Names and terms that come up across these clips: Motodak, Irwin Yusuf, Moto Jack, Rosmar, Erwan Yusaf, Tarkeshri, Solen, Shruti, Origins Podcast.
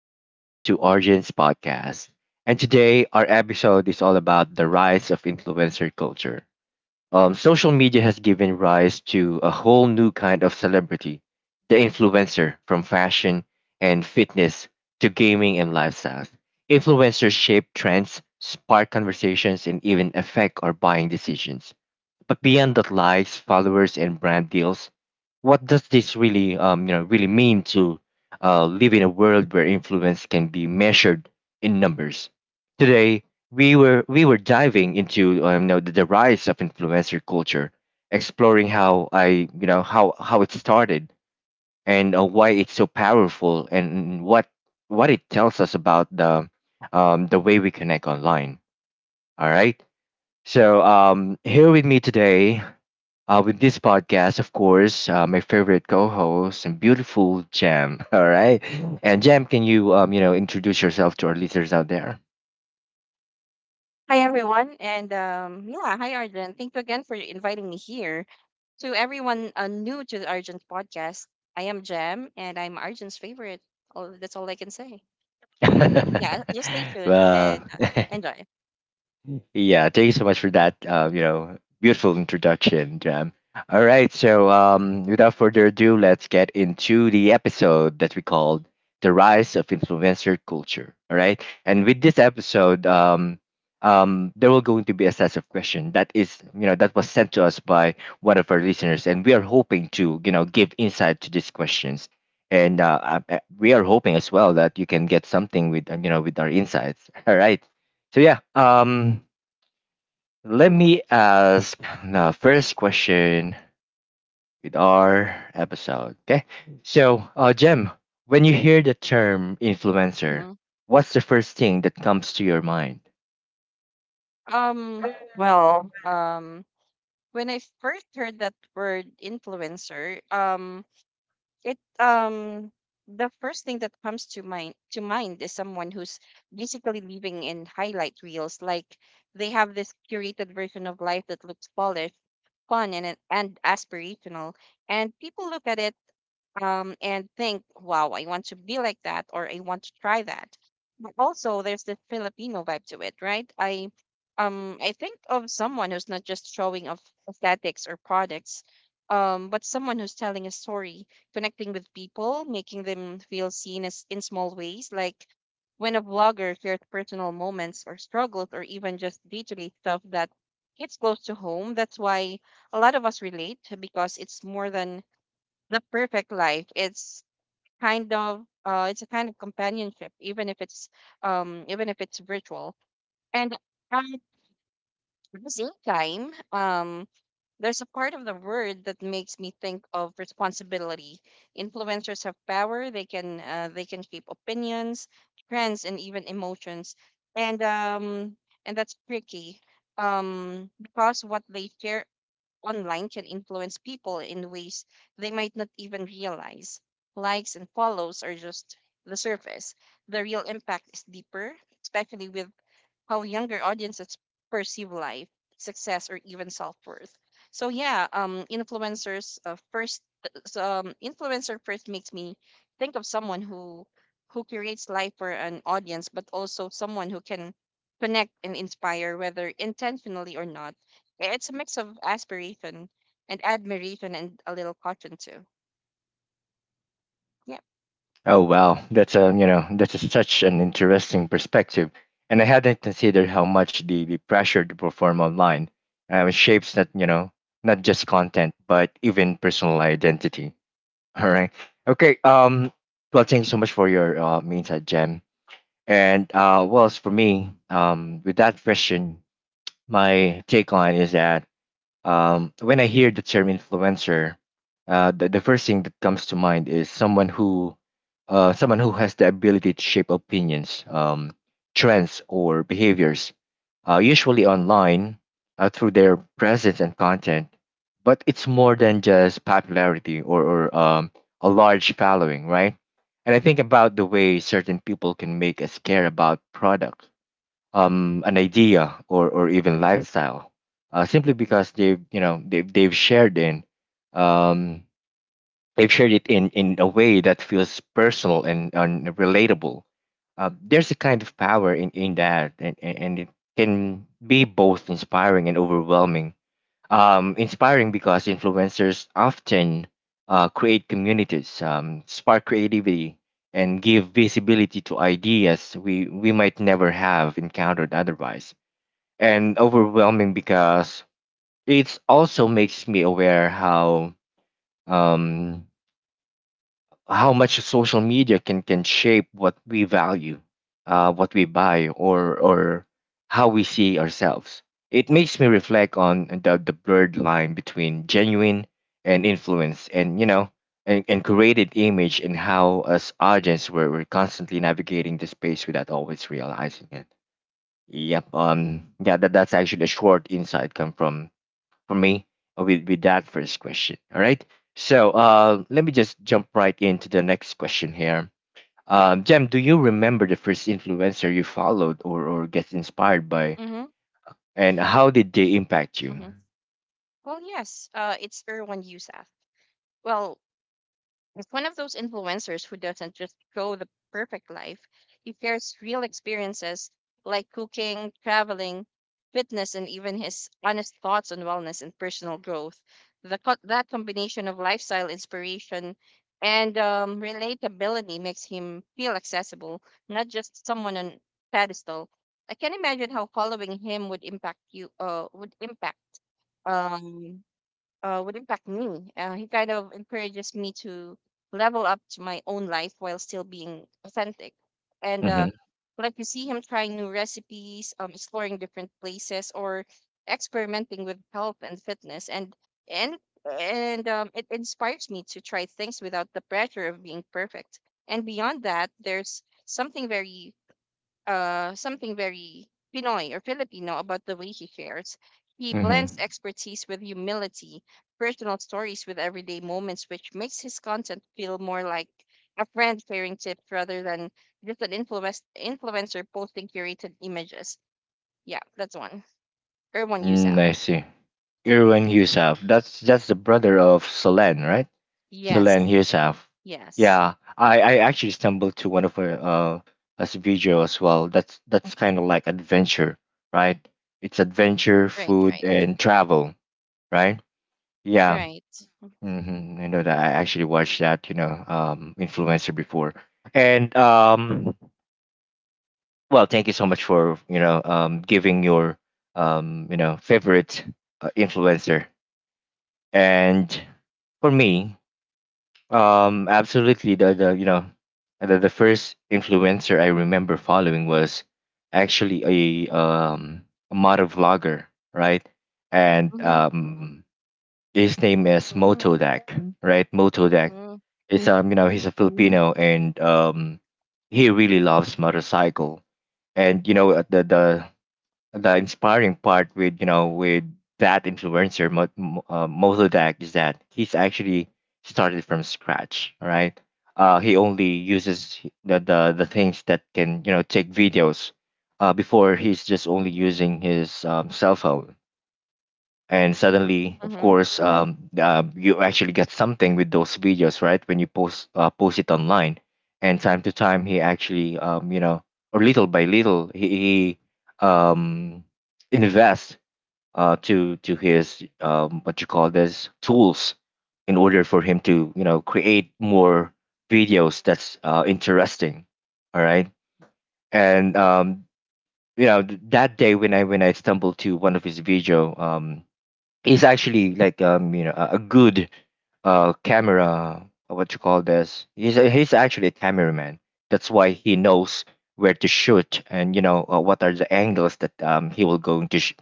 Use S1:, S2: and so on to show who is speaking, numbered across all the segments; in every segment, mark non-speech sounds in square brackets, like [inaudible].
S1: Welcome to Origins Podcast. And today, our episode is all about the rise of influencer culture. Social media has given rise to a whole new kind of celebrity, the influencer, from fashion and fitness to gaming and lifestyle. Influencers shape trends, spark conversations, and even affect our buying decisions. But beyond the likes, followers, and brand deals, what does this really, really mean to live in a world where influence can be measured in numbers? Today, we were diving into the rise of influencer culture, exploring how I you know how it started and why it's so powerful, and what it tells us about the way we connect online. All right. So here with me today with this podcast, of course, my favorite co-host and beautiful Jam. [laughs] All right, and Jam, can you you know introduce yourself to our listeners out there?
S2: Hi, everyone. Hi, Arjun. Thank you again for inviting me here. To everyone new to the Arjun's podcast, I am Jem and I'm Arjun's favorite. That's all I can say. Yeah, just stay
S1: [laughs]
S2: tuned
S1: Well.
S2: and
S1: [laughs]
S2: enjoy.
S1: Yeah, thank you so much for that. Beautiful introduction, Jam. All right, so without further ado, let's get into the episode that we called "The Rise of Influencer Culture." All right, and with this episode, there will going to be a set of questions that is, that was sent to us by one of our listeners, and we are hoping to, give insight to these questions, and we are hoping as well that you can get something with, with our insights. [laughs] All right. So yeah, let me ask the first question with our episode. Okay. So, Jem, when you hear the term influencer,
S2: hmm
S1: what's the first thing that comes to your mind?
S2: Um, well, um, when I first heard that word influencer, it the first thing that comes to mind is someone who's basically living in highlight reels, like they have this curated version of life that looks polished, fun, and aspirational, and people look at it, and think, wow, I want to be like that or I want to try that. But also, there's the Filipino vibe to it, right? I think of someone who's not just showing off aesthetics or products, but someone who's telling a story, connecting with people, making them feel seen as in small ways, like when a vlogger shares personal moments or struggles or even just day-to-day stuff that hits close to home. That's why a lot of us relate, because it's more than the perfect life. It's kind of it's a kind of companionship, even if it's virtual. And at the same time, there's a part of the word that makes me think of responsibility. Influencers have power. They can they can shape opinions, trends, and even emotions. And and that's tricky, um, because what they share online can influence people in ways they might not even realize. Likes and follows are just the surface. The real impact is deeper, especially with how younger audiences perceive life, success, or even self worth. So yeah, influencer first makes me think of someone who creates life for an audience, but also someone who can connect and inspire, whether intentionally or not. Yeah, it's a mix of aspiration and admiration and a little caution too. Yeah.
S1: Oh wow, that's a you know that's a, such an interesting perspective, and I hadn't considered how much the pressure to perform online shapes not you know not just content but even personal identity. [laughs] All right, okay. Well, thanks so much for your insight, Jem. And well, as for me, with that question, my take on is that when I hear the term influencer, the first thing that comes to mind is someone who has the ability to shape opinions, trends, or behaviors, usually online through their presence and content. But it's more than just popularity or a large following, right? And I think about the way certain people can make us care about products, an idea, or even lifestyle, simply because they've shared in um, they've shared it in a way that feels personal and relatable. There's a kind of power in that, and it can be both inspiring and overwhelming. Inspiring because influencers often create communities, spark creativity, and give visibility to ideas we might never have encountered otherwise. And overwhelming because it also makes me aware um, how much social media can shape what we value, what we buy, or how we see ourselves. It makes me reflect on the blurred line between genuine and influence, and and created image, and how us audience we're constantly navigating the space without always realizing it. Yep. Yeah. That's actually a short insight come from for me with that first question. All right. So let me just jump right into the next question here. Jem, do you remember the first influencer you followed or get inspired by,
S2: Mm-hmm.
S1: and how did they impact you?
S2: Mm-hmm. Well, yes. It's Erwan Yusaf. Well, it's one of those influencers who doesn't just show the perfect life. He shares real experiences like cooking, traveling, fitness, and even his honest thoughts on wellness and personal growth. That combination of lifestyle inspiration and relatability makes him feel accessible, not just someone on pedestal. I can imagine how following him would impact you. Um would impact me. He kind of encourages me to level up to my own life while still being authentic. And
S1: Mm-hmm.
S2: like you see him trying new recipes, exploring different places, or experimenting with health and fitness, and and it inspires me to try things without the pressure of being perfect. And beyond that, there's something very Pinoy or Filipino about the way he shares. He
S1: Mm-hmm.
S2: blends expertise with humility, personal stories with everyday moments, which makes his content feel more like a friend sharing tips rather than just an influencer posting curated images. Yeah, that's one. Erwan
S1: Mm,
S2: Yusaf.
S1: I see. Irwin Yusuf. That's the brother of Solen, right? So Solen,
S2: Yes,
S1: here's half.
S2: yes.
S1: Yeah, I actually stumbled to one of her as a video as well. That's kind of like adventure, right? It's adventure,
S2: Right,
S1: food,
S2: right,
S1: and travel, right? Yeah,
S2: right.
S1: hmm, I know that. I actually watched that, influencer before, and well, thank you so much for giving your favorite influencer, and for me, absolutely. The the first influencer I remember following was actually a um a motor vlogger, right? And
S2: Mm-hmm.
S1: his name is
S2: Mm-hmm.
S1: Motodak, right? Motodak.
S2: Mm-hmm.
S1: It's he's a Filipino and he really loves motorcycle, and the inspiring part with with that influencer Mozodak is that he's actually started from scratch. All right, he only uses the the things that can take videos. Before he's just only using his cell phone, and suddenly of
S2: Mm-hmm.
S1: course you actually get something with those videos, right? When you post it online, and time to time he actually or little by little he um, invests to his what you call this tools in order for him to create more videos that's interesting. All right. And that day when I stumbled to one of his video, is actually like a good camera, what you call this he's he's actually a cameraman, that's why he knows where to shoot and what are the angles that he will going to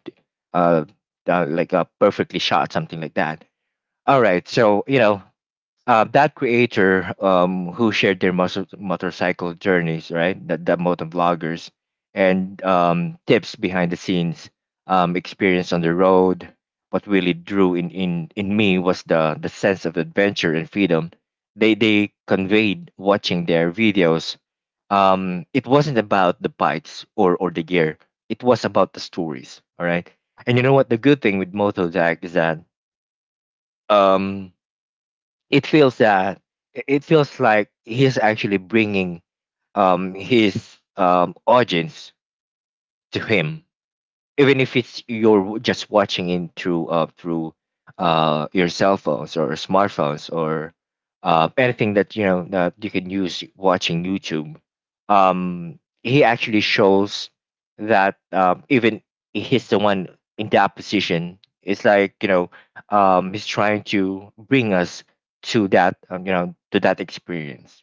S1: uh, like perfectly shot, something like that. All right, so that creator who shared their motorcycle journeys, right? That motor vloggers and tips behind the scenes, experience on the road. What really drew in me was the sense of adventure and freedom they conveyed watching their videos. It wasn't about the bikes or the gear. It was about the stories. All right. And you know what? The good thing with Moto Jack is that um it feels that it feels like he's actually bringing his audience to him, even if it's you're just watching it through your cell phones or smartphones or anything that that you can use watching YouTube. He actually shows that even he's the one in that position. It's like he's trying to bring us to that to that experience,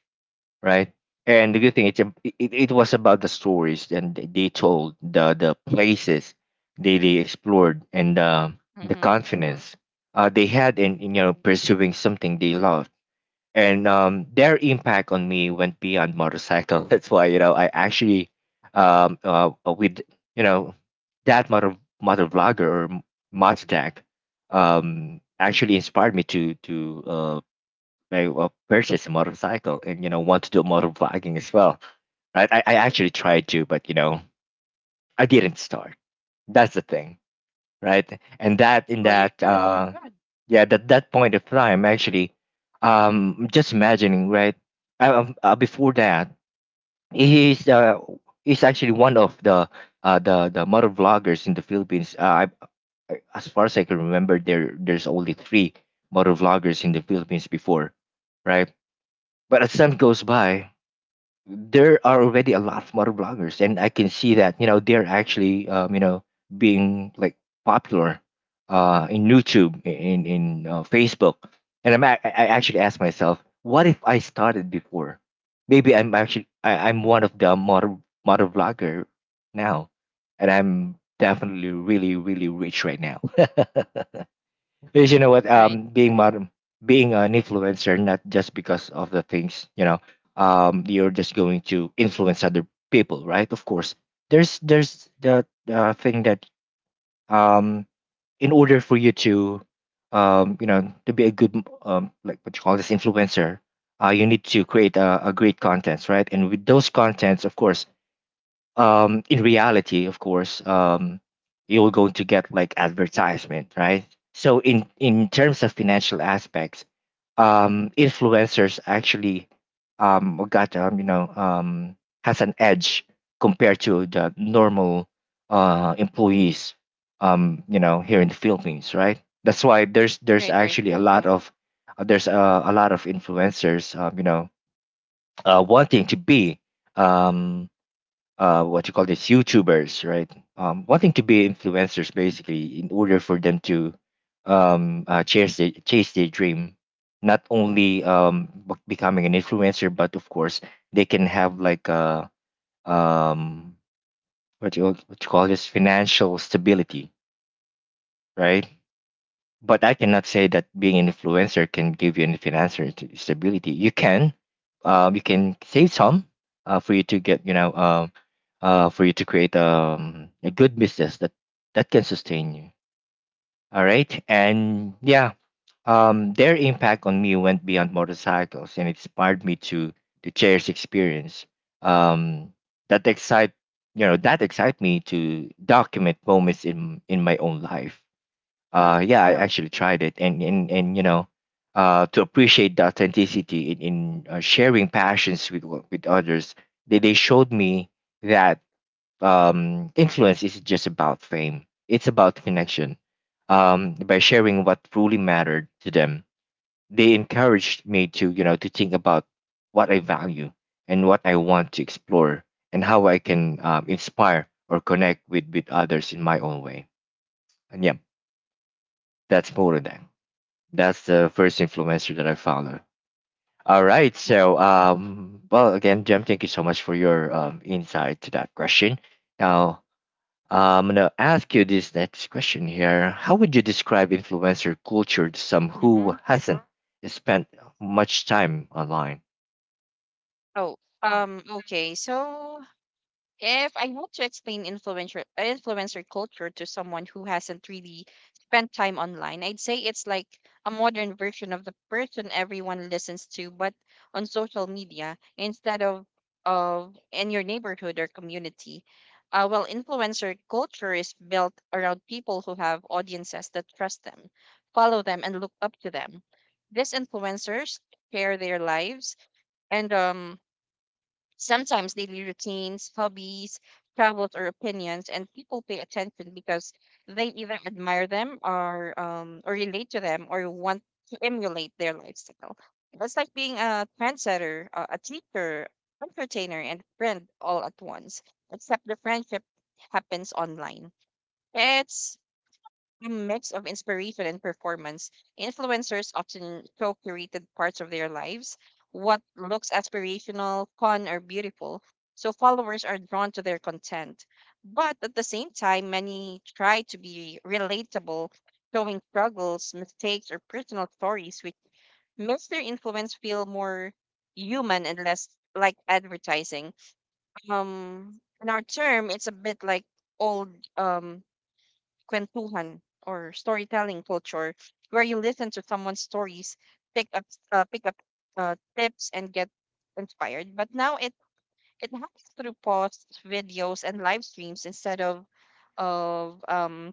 S1: right? And the good thing, it it was about the stories, and they told the places they explored, and the
S2: Mm-hmm.
S1: confidence they had in pursuing something they loved, and their impact on me went beyond motorcycle. [laughs] That's why I actually with you know that motor vlogger or Mozjack actually inspired me to uh, I purchase a motorcycle and want to do motor vlogging as well, right? I actually tried to, but I didn't start. That's the thing, right? And that in
S2: Well, you
S1: that
S2: should.
S1: yeah, that that point of time actually, just imagining, right? Before that, he's uh he's actually one of the the motor vloggers in the Philippines. As far as I can remember, there there's only three motor vloggers in the Philippines before, right? But as time goes by, there are already a lot more bloggers, and I can see that they're actually being like popular in YouTube, in Facebook, and I actually ask myself, what if I started before? Maybe I'm actually I'm one of the model blogger now, and I'm definitely really really rich right now. [laughs] Because you know what,
S2: Right,
S1: being modern, being an influencer, not just because of the things you know, you're just going to influence other people, right? Of course, there's the thing that um, in order for you to, to be a good like what you call this influencer, you need to create a great contents, right? And with those contents, of course, in reality, of course, you're going to get like advertisement, right? So in terms of financial aspects, influencers actually got you know has an edge compared to the normal employees, here in the Philippines, right? That's why there's
S2: right, right.
S1: actually a
S2: Mm-hmm.
S1: lot of there's a lot of influencers, wanting to be um what you call this YouTubers, right? Wanting to be influencers basically in order for them to chase chase their dream. Not only becoming an influencer, but of course they can have like a um, what you call this financial stability, right? But I cannot say that being an influencer can give you any financial stability. You can, save some, for you to get, for you to create a good business that can sustain you. All right, and yeah, their impact on me went beyond motorcycles and inspired me to cherish experience. Um, that excite, that excite me to document moments in my own life.
S2: Uh-huh.
S1: Yeah, I Yeah. actually tried it, and to appreciate the authenticity in sharing passions with others. They showed me that influence isn't just about fame; it's about connection. By sharing what truly mattered to them, they encouraged me to you know to think about what I value and what I want to explore, and how I can inspire or connect with others in my own way. And yeah, that's more than that. That's the first influencer that I follow. All right.
S2: Yeah.
S1: So, well, again, Jem, thank you so much for your insight to that question. Now, I'm going to ask you this next question here. How would you describe influencer culture to some who
S2: Mm-hmm.
S1: hasn't spent much time online?
S2: Oh, okay. So if I want to explain influencer culture to someone who hasn't really spent time online, I'd say it's like a modern version of the person everyone listens to, but on social media instead of in your neighborhood or community. Well, influencer culture is built around people who have audiences that trust them, follow them, and look up to them. These influencers share their lives and sometimes daily routines, hobbies, travels, or opinions, and people pay attention because they either admire them or relate to them or want to emulate their lifestyle. It's like being a trendsetter, a teacher, entertainer, and friend all at once, except the friendship happens online. It's a mix of inspiration and performance. Influencers often show curated parts of their lives, what looks aspirational, fun, or beautiful, so followers are drawn to their content. But at the same time, many try to be relatable, showing struggles, mistakes, or personal stories, which makes their influence feel more human and less like advertising. In our term, it's a bit like old kwentuhan or storytelling culture where you listen to someone's stories, pick up pick up tips and get inspired. But now it happens through posts, videos, and live streams instead of of um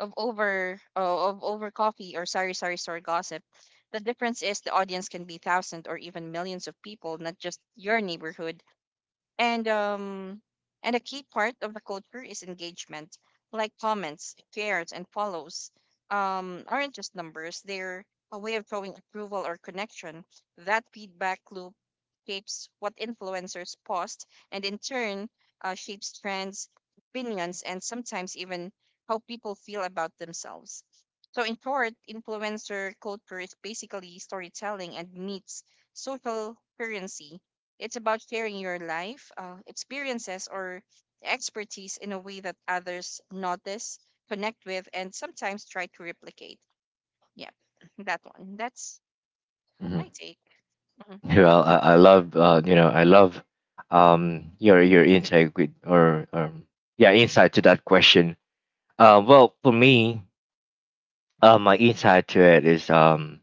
S2: of over coffee or sorry store gossip. The difference is the audience can be thousands or even millions of people, not just your neighborhood. And and a key part of the culture is engagement, like comments, shares, and follows, um, aren't just numbers. They're a way of showing approval or connection. That feedback loop shapes what influencers post and in turn shapes trends, opinions, and sometimes even how people feel about themselves. So in short, influencer culture is basically storytelling and meets social currency. It's about sharing your life, experiences, or expertise in a way that others notice, connect with, and sometimes try to replicate. Yeah, [laughs] that one. That's
S1: Hmm.
S2: my
S1: [laughs]
S2: take. Mhm.
S1: Well, I I love your insight yeah, insight to that question. Well, for me, my insight to it is,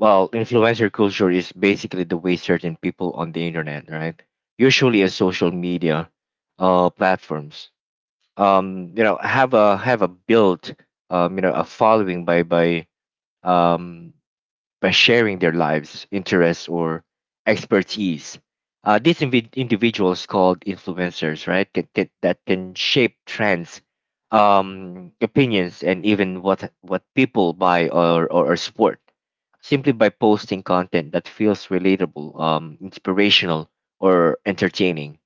S1: well, influencer culture is basically the way certain people on the internet, right? Usually a social media platforms. Have a built a following um by sharing their lives, interests, or expertise. These individuals called influencers, right, that, that, that can shape trends, opinions, and even what people buy or support, simply by posting content that feels relatable, inspirational, or entertaining.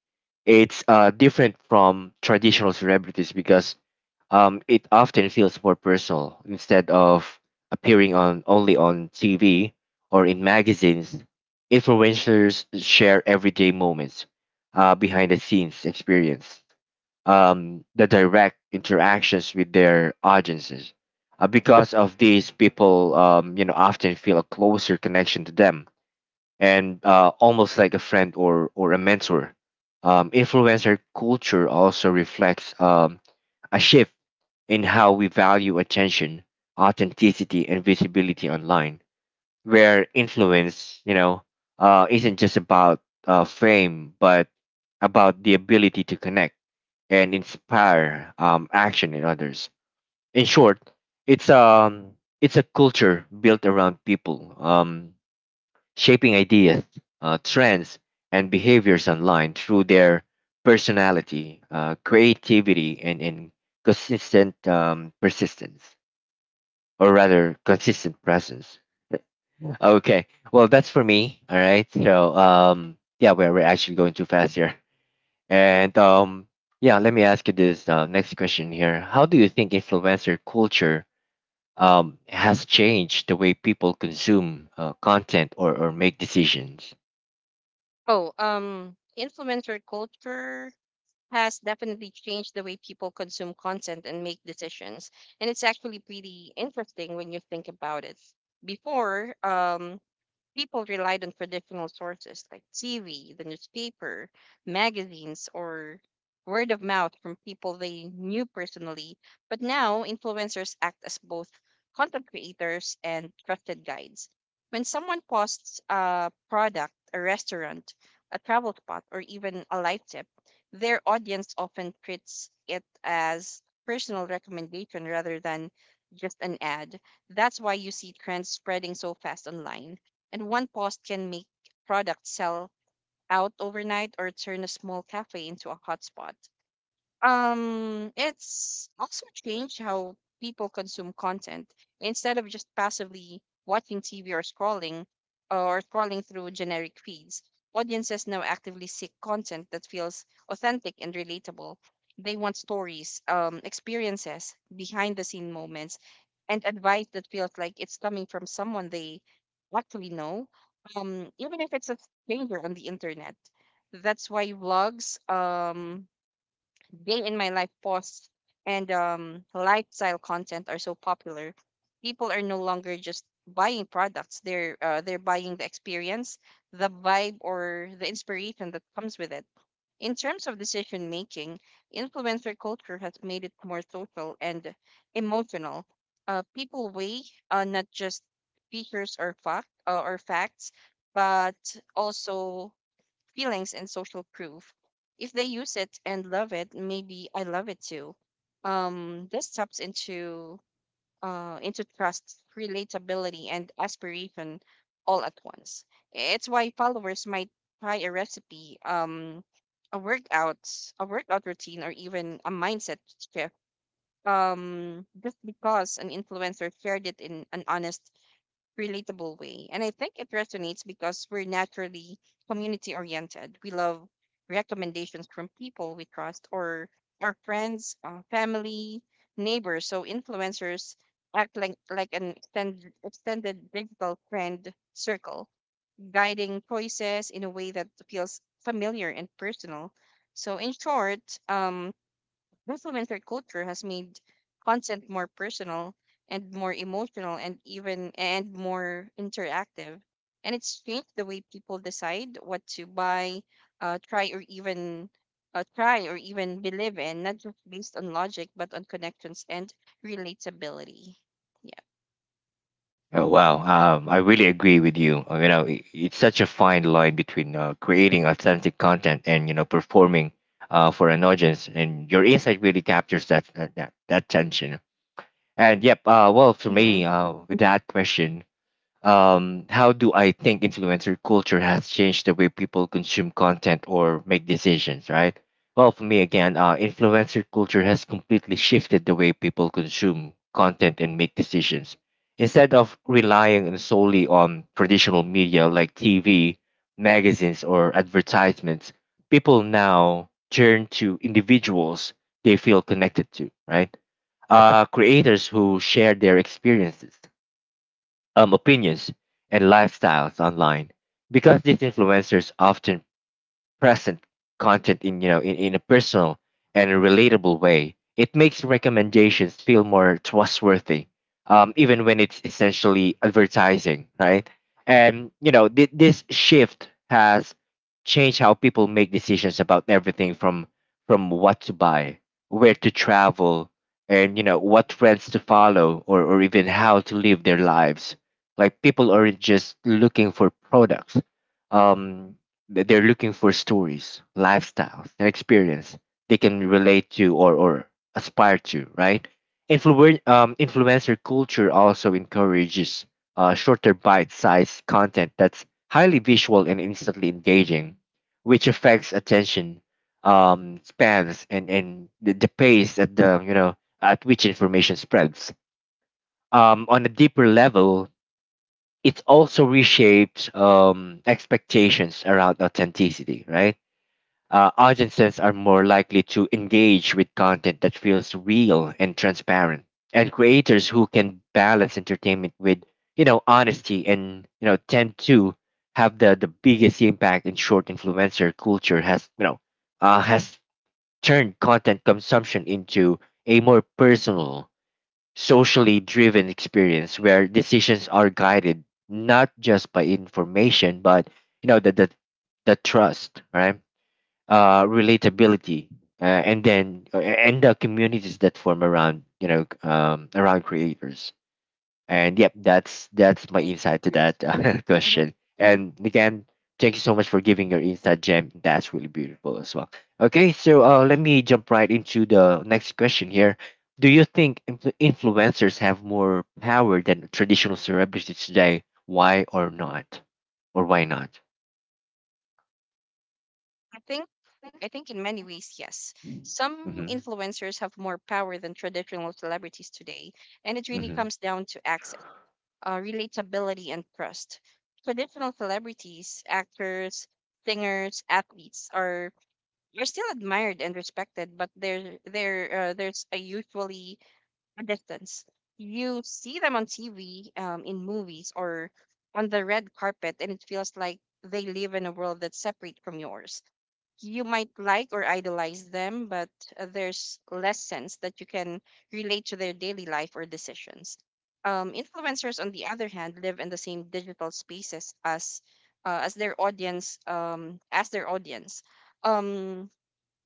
S1: It's different from traditional celebrities because it often feels more personal, instead of appearing on only on TV or in magazines. Influencers share everyday moments, behind the scenes experience, the direct interactions with their audiences. Because of these, people often feel a closer connection to them, and almost like a friend or a mentor. Influencer culture also reflects a shift in how we value attention, authenticity, and visibility online, where influence, isn't just about fame, but about the ability to connect and inspire action in others. In short, it's um, it's a culture built around people. Shaping ideas, trends, and behaviors online through their personality, creativity, and consistent persistence, or rather, consistent presence. Okay, well, that's for me. All right, so yeah, we're actually going too fast here. And yeah, let me ask you this next question here. How do you think influencer culture has changed the way people consume content or make decisions?
S2: Oh, influencer culture has definitely changed the way people consume content and make decisions. And it's actually pretty interesting when you think about it. Before, people relied on traditional sources like TV, the newspaper, magazines, or word of mouth from people they knew personally. But now, influencers act as both content creators and trusted guides. When someone posts a product, a restaurant, a travel spot, or even a life tip, their audience often treats it as personal recommendation rather than just an ad. That's why you see trends spreading so fast online, and one post can make products sell out overnight or turn a small cafe into a hotspot. It's also changed how people consume content. Instead of just passively watching TV or scrolling through generic feeds, audiences now actively seek content that feels authentic and relatable. They want stories, experiences, behind the scene moments, and advice that feels like it's coming from someone they actually know, even if it's a stranger on the internet. That's why vlogs, day in my life posts and lifestyle content are so popular. People are no longer just buying products. They're buying the experience, the vibe, or the inspiration that comes with it. In terms of decision making, influencer culture has made it more social and emotional. People weigh not just features or fact or facts, but also feelings and social proof. If they use it and love it, maybe I love it too. This taps into trust, relatability, and aspiration all at once. It's why followers might try a recipe, a workout, a workout routine, or even a mindset shift. Just because an influencer shared it in an honest, relatable way. And I think it resonates because we're naturally community oriented. We love recommendations from people we trust, or our friends, family, neighbors. So influencers act like an extended digital friend circle, guiding choices in a way that feels familiar and personal. So in short, um, influencer culture has made content more personal and more emotional and more interactive. And it's changed the way people decide what to buy, uh, try or even try or even believe in, not just based on logic but on connections and relatability. Yeah.
S1: Oh wow, I really agree with you. I It's such a fine line between creating authentic content and performing for an audience, and your insight really captures that, that tension. And yep, well, for
S2: Mm-hmm.
S1: me, with that question, how do I think influencer culture has changed the way people consume content or make decisions, right? Well, for me again, influencer culture has completely shifted the way people consume content and make decisions. Instead of relying solely on traditional media like TV, magazines, or advertisements, people now turn to individuals they feel connected to, right? Creators who share their experiences, opinions, and lifestyles online, because these influencers often present content in you know in a personal and a relatable way, it makes recommendations feel more trustworthy, even when it's essentially advertising, right? And this shift has changed how people make decisions about everything from what to buy, where to travel, and what trends to follow, or even how to live their lives. Like, people aren't just looking for products. um they're looking for stories, lifestyles, and experience they can relate to or aspire to, right? Influencer culture also encourages shorter bite-sized content that's highly visual and instantly engaging, which affects attention spans, and the pace at the you know at which information spreads. On a deeper level, it also reshapes expectations around authenticity, right? Audiences are more likely to engage with content that feels real and transparent, and creators who can balance entertainment with honesty and you know tend to have the biggest impact. In short, influencer culture has, has turned content consumption into a more personal, socially driven experience, where decisions are guided not just by information but you know the the, the trust, right? Relatability, and the communities that form around you know around creators. And yep, that's my
S2: Right.
S1: insight to that, [laughs]
S2: Mm-hmm.
S1: question. And
S2: hmm
S1: again, thank you so much for giving your insight, gem that's really beautiful as well. Okay, so let me jump right into the next question here. Do you think influencers have more power than traditional celebrities today? Why or not, or why not?
S2: I think I think in many ways, yes. Some
S1: Mm-hmm.
S2: influencers have more power than traditional celebrities today, and it really
S1: Mm-hmm.
S2: comes down to access, relatability, and trust. Traditional celebrities, actors, singers, athletes, are still admired and respected, but there's a usually a distance. You see them on TV, in movies, or on the red carpet, and it feels like they live in a world that's separate from yours. You might like or idolize them, but there's less sense that you can relate to their daily life or decisions. Influencers, on the other hand, live in the same digital spaces as as their audience, um,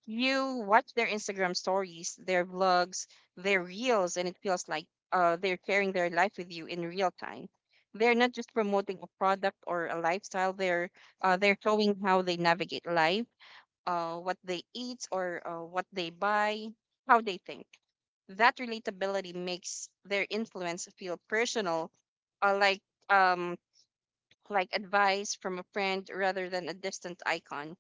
S2: you watch their Instagram stories, their vlogs, their reels, and it feels like they're sharing their life with you in real time. They're not just promoting a product or a lifestyle. They're showing how they navigate life, what they eat or what they buy, how they think. That relatability makes their influence feel personal, uh, like um, like advice from a friend rather than a distant icon.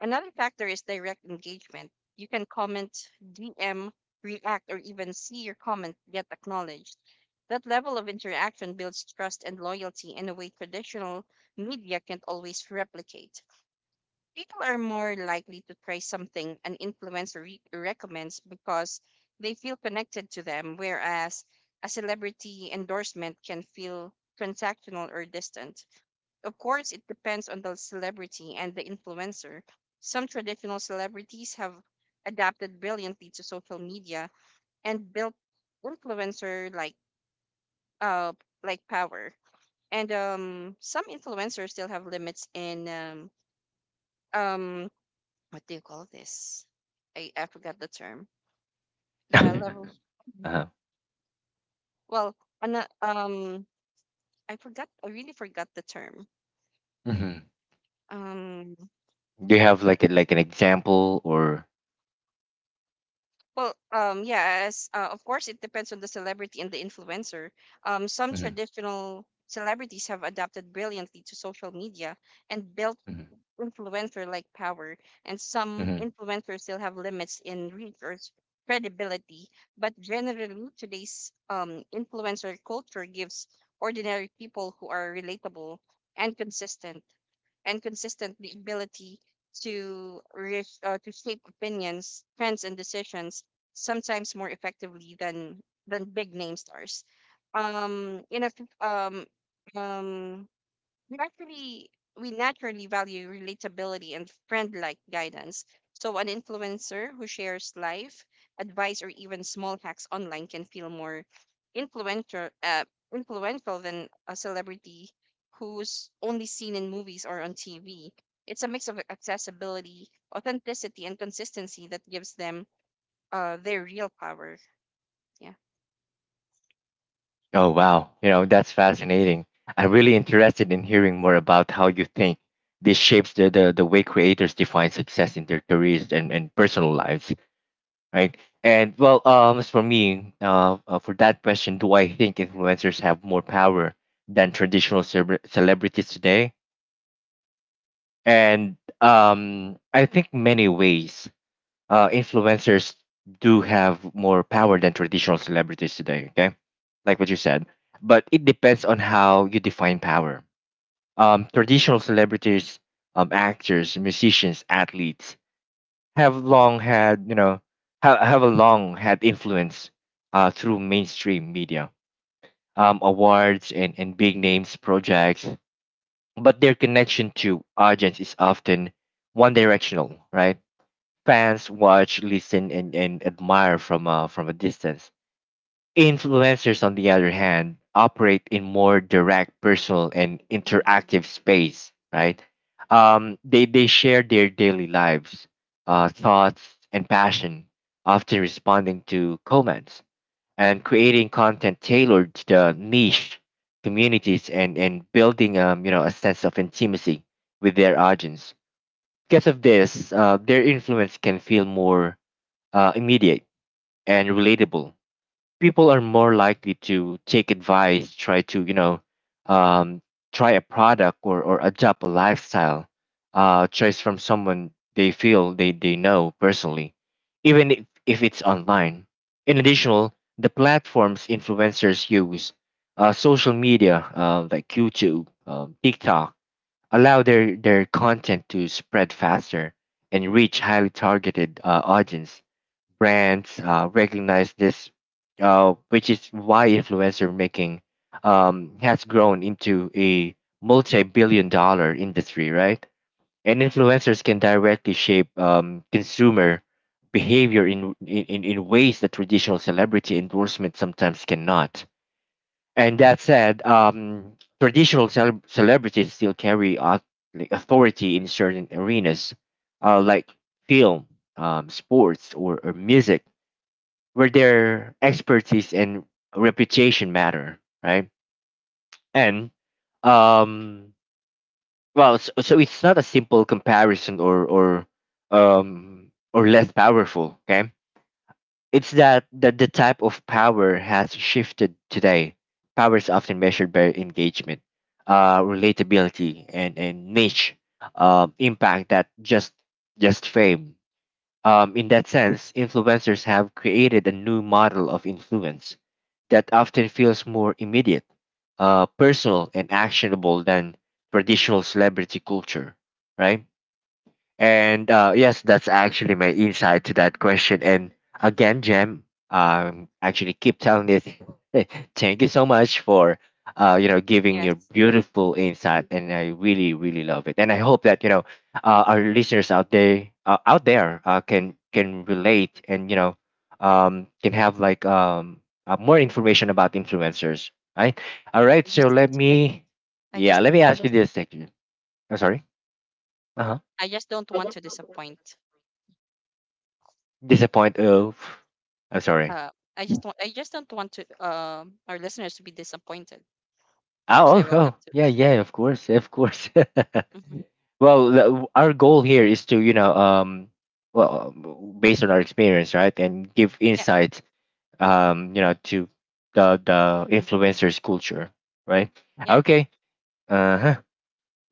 S2: Another factor is direct engagement. You can comment, DM, react, or even see your comment get acknowledged. That level of interaction builds trust and loyalty in a way traditional media can't always replicate. People are more likely to try something an influencer recommends because they feel connected to them, whereas a celebrity endorsement can feel transactional or distant. Of course, it depends on the celebrity and the influencer. Some traditional celebrities have adapted brilliantly to social media and built influencer uh like power. And Some influencers still have limits in um, what do you call this? I forgot the term.
S1: [laughs]
S2: The level.
S1: Uh-huh.
S2: Well, an, uh, um, I forgot. I really forgot the term.
S1: Mm-hmm.
S2: Um.
S1: Do you have like a, like an example or?
S2: Well. Yes. Of course, it depends on the celebrity and the influencer. Some
S1: Mhm,
S2: traditional celebrities have adapted brilliantly to social media and built
S1: mhm,
S2: influencer like power, and some
S1: mhm.
S2: influencers still have limits in reach or credibility. But generally, today's influencer culture gives ordinary people who are relatable and consistent the ability to to shape opinions, trends, and decisions sometimes more effectively than big name stars. Um, in a f- um, um, we actually we naturally value relatability and friend-like guidance. So an influencer who shares life advice or even small hacks online can feel more influential uh, influential than a celebrity who's only seen in movies or on TV. It's a mix of accessibility, authenticity, and consistency that gives them their real power. Yeah.
S1: Oh wow, you know that's fascinating. I'm really interested in hearing more about how you think this shapes the way creators define success in their careers, and personal lives, right? And well, as for me, for that question, do I think influencers have more power than traditional celebrities today? And I think many ways, influencers do have more power than traditional celebrities today. Okay, like what you said, but it depends on how you define power. Traditional celebrities, actors, musicians, athletes have long had you know have a long had influence through mainstream media, awards, and big names projects. But their connection to audience is often one directional, right? Fans watch, listen, and admire from from a distance. Influencers, on the other hand, operate in more direct, personal, and interactive space, right? They share their daily lives, thoughts, and passion, often responding to comments and creating content tailored to the niche communities, and building a sense of intimacy with their audience. Because of this, their influence can feel more immediate and relatable. People are more likely to take advice, try to you know, um, try a product or adopt a lifestyle choice from someone they feel they know personally, even if it's online. In addition, the platforms influencers use, social media like YouTube, TikTok, allow their content to spread faster and reach highly targeted audience. Brands recognize this, which is why influencer making has grown into a multi-billion dollar industry, right? And influencers can directly shape consumer behavior in ways that traditional celebrity endorsement sometimes cannot. And that said, traditional celebrities still carry like authority in certain arenas, like film, sports, or music, where their expertise and reputation matter, right? And um, well, so it's not a simple comparison or less powerful. Okay, it's that the type of power has shifted today. Power is often measured by engagement, relatability, and niche impact that just fame. In that sense, influencers have created a new model of influence that often feels more immediate, personal, and actionable than traditional celebrity culture, right? And yes, that's actually my insight to that question. And again, Jem, actually keep telling this. [laughs] Thank you so much for giving
S2: Yes.
S1: your beautiful
S2: Mhm.
S1: insight, and I really really love it. And I hope that our listeners out there, can relate, and you know can have like more information about influencers. Right. All right.
S2: I
S1: So,
S2: just, I just,
S1: let me ask you this. Thank you. I'm sorry.
S2: I just don't want to disappoint.
S1: Disappoint. Oh, I'm sorry.
S2: Uh, I just want I just don't want to our listeners to be disappointed. Of course, I
S1: Oh, oh,
S2: will have
S1: oh,
S2: to.
S1: yeah,
S2: [laughs]
S1: yeah, of course, of course.
S2: Mhm.
S1: [laughs] Well, our goal here is to, well, based on our experience, right, and give
S2: Yeah,
S1: insights, to the influencers culture, right?
S2: yeah.
S1: Okay. Uh huh.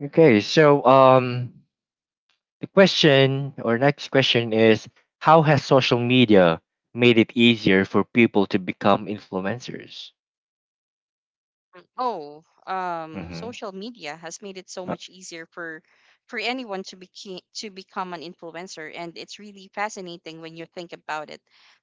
S1: Okay. So, the question or next question is, how has social media made it easier for people to become influencers?
S2: Mm, Oh,
S1: Mm-hmm.
S2: social media has made it so
S1: Uh,
S2: much easier for anyone to be to become an influencer, and it's really fascinating when you think about it.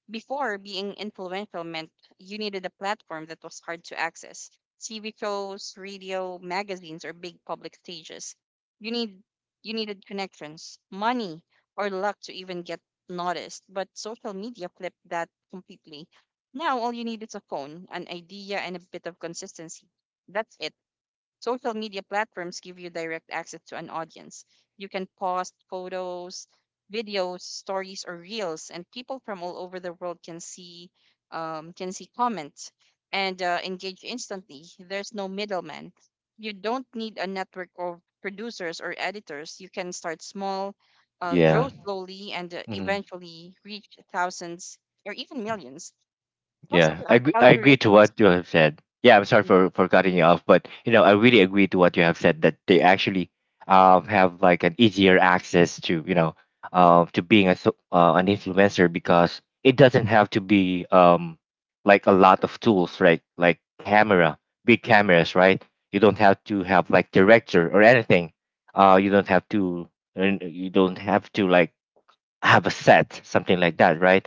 S2: Before, being influential meant you needed a platform that was hard to access. TV shows, radio, magazines, or big public stages. You need you needed connections, money, or luck to even get noticed. But social media flipped that completely. Now all you need is a phone, an idea, and a bit of consistency. That's it. Social media platforms give you direct access to an audience. You can post photos, videos, stories, or reels, and people from all over the world can see comments and engage instantly. There's no middleman. You don't need a network of producers or editors. You can start small, grow
S1: yeah.
S2: slowly, and
S1: Hmm.
S2: eventually reach thousands or even millions. Also
S1: Yeah,
S2: the
S1: I agree to
S2: algorithms.
S1: what you have said. Yeah, I'm sorry
S2: Mhm.
S1: for cutting you off, but I really agree to what you have said, that they actually have like an easier access to to being an influencer because it doesn't have to be like a lot of tools, right? Like camera, big cameras, right? You don't have to have like director or anything. Uh, you don't have to you don't have to like have a set, something like that, right?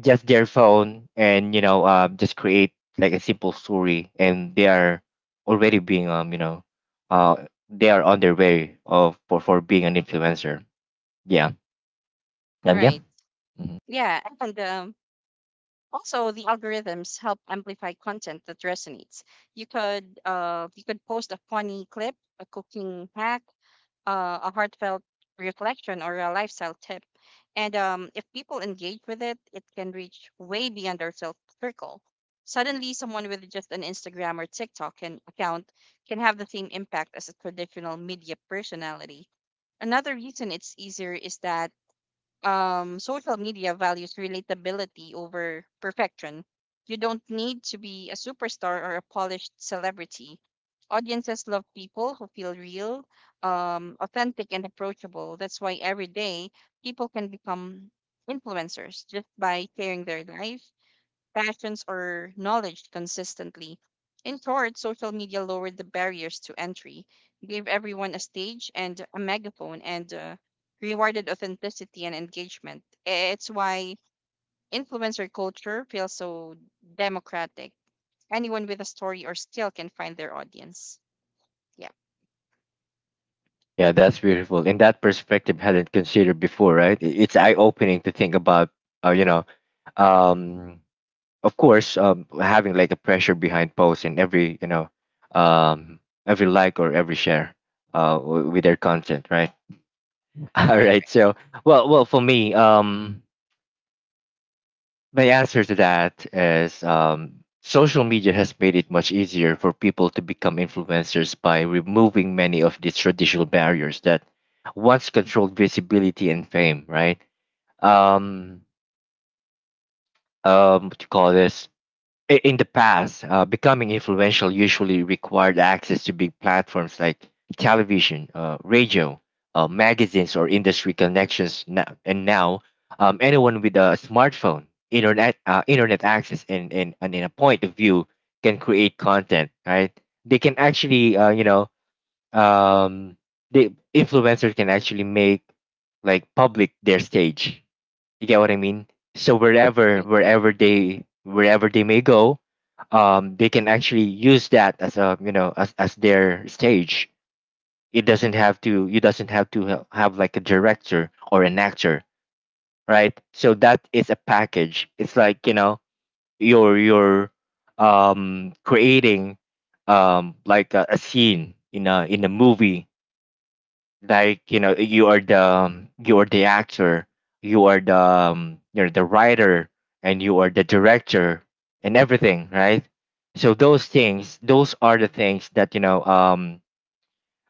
S1: Just their phone, and just create like a simple story, and they are already being uh they are on their way of for being an influencer. Yeah um, yeah
S2: Right.
S1: Mhm.
S2: Yeah. And also the algorithms help amplify content that resonates. You could post a funny clip, a cooking hack, a heartfelt reflection or a lifestyle tip. And if people engage with it, it can reach way beyond their self circle. Suddenly, someone with just an Instagram or TikTok can, account can have the same impact as a traditional media personality. Another reason it's easier is that social media values relatability over perfection. You don't need to be a superstar or a polished celebrity. Audiences love people who feel real, authentic, and approachable. That's why every day people can become influencers just by sharing their life, passions, or knowledge consistently. In short, social media lowered the barriers to entry, gave everyone a stage and a megaphone, and rewarded authenticity and engagement. It's why influencer culture feels so democratic. Anyone with a story or skill can find their audience. Yeah.
S1: Yeah, that's beautiful, and that perspective hadn't considered before, right? It's eye-opening to think about, uh, you know um of course, having like a pressure behind posts and every you know um every like or every share with their content, right? [laughs] All
S2: Right.
S1: right.
S2: Right.
S1: So, well, for me, my answer to that is, social media has made it much easier for people to become influencers by removing many of the traditional barriers that once controlled visibility and fame. Right. Um, what do you call this? In the past, becoming influential usually required access to big platforms like television, radio, magazines, or industry connections. And now, anyone with a smartphone, internet access, and, and in a point of view, can create content. Right? They can actually, um, the influencers can actually make like public their stage. You get what I mean? So
S2: Right, right.
S1: wherever they may go, they can actually use that as, a as their stage. It doesn't have to you doesn't have to have like a director or an actor, right? So that is a package. It's like, you know, you're creating like a scene in a movie. Like, you know, you are the actor, you are the you're the writer, and you are the director, and everything, right? So those things, those are the things that, you know um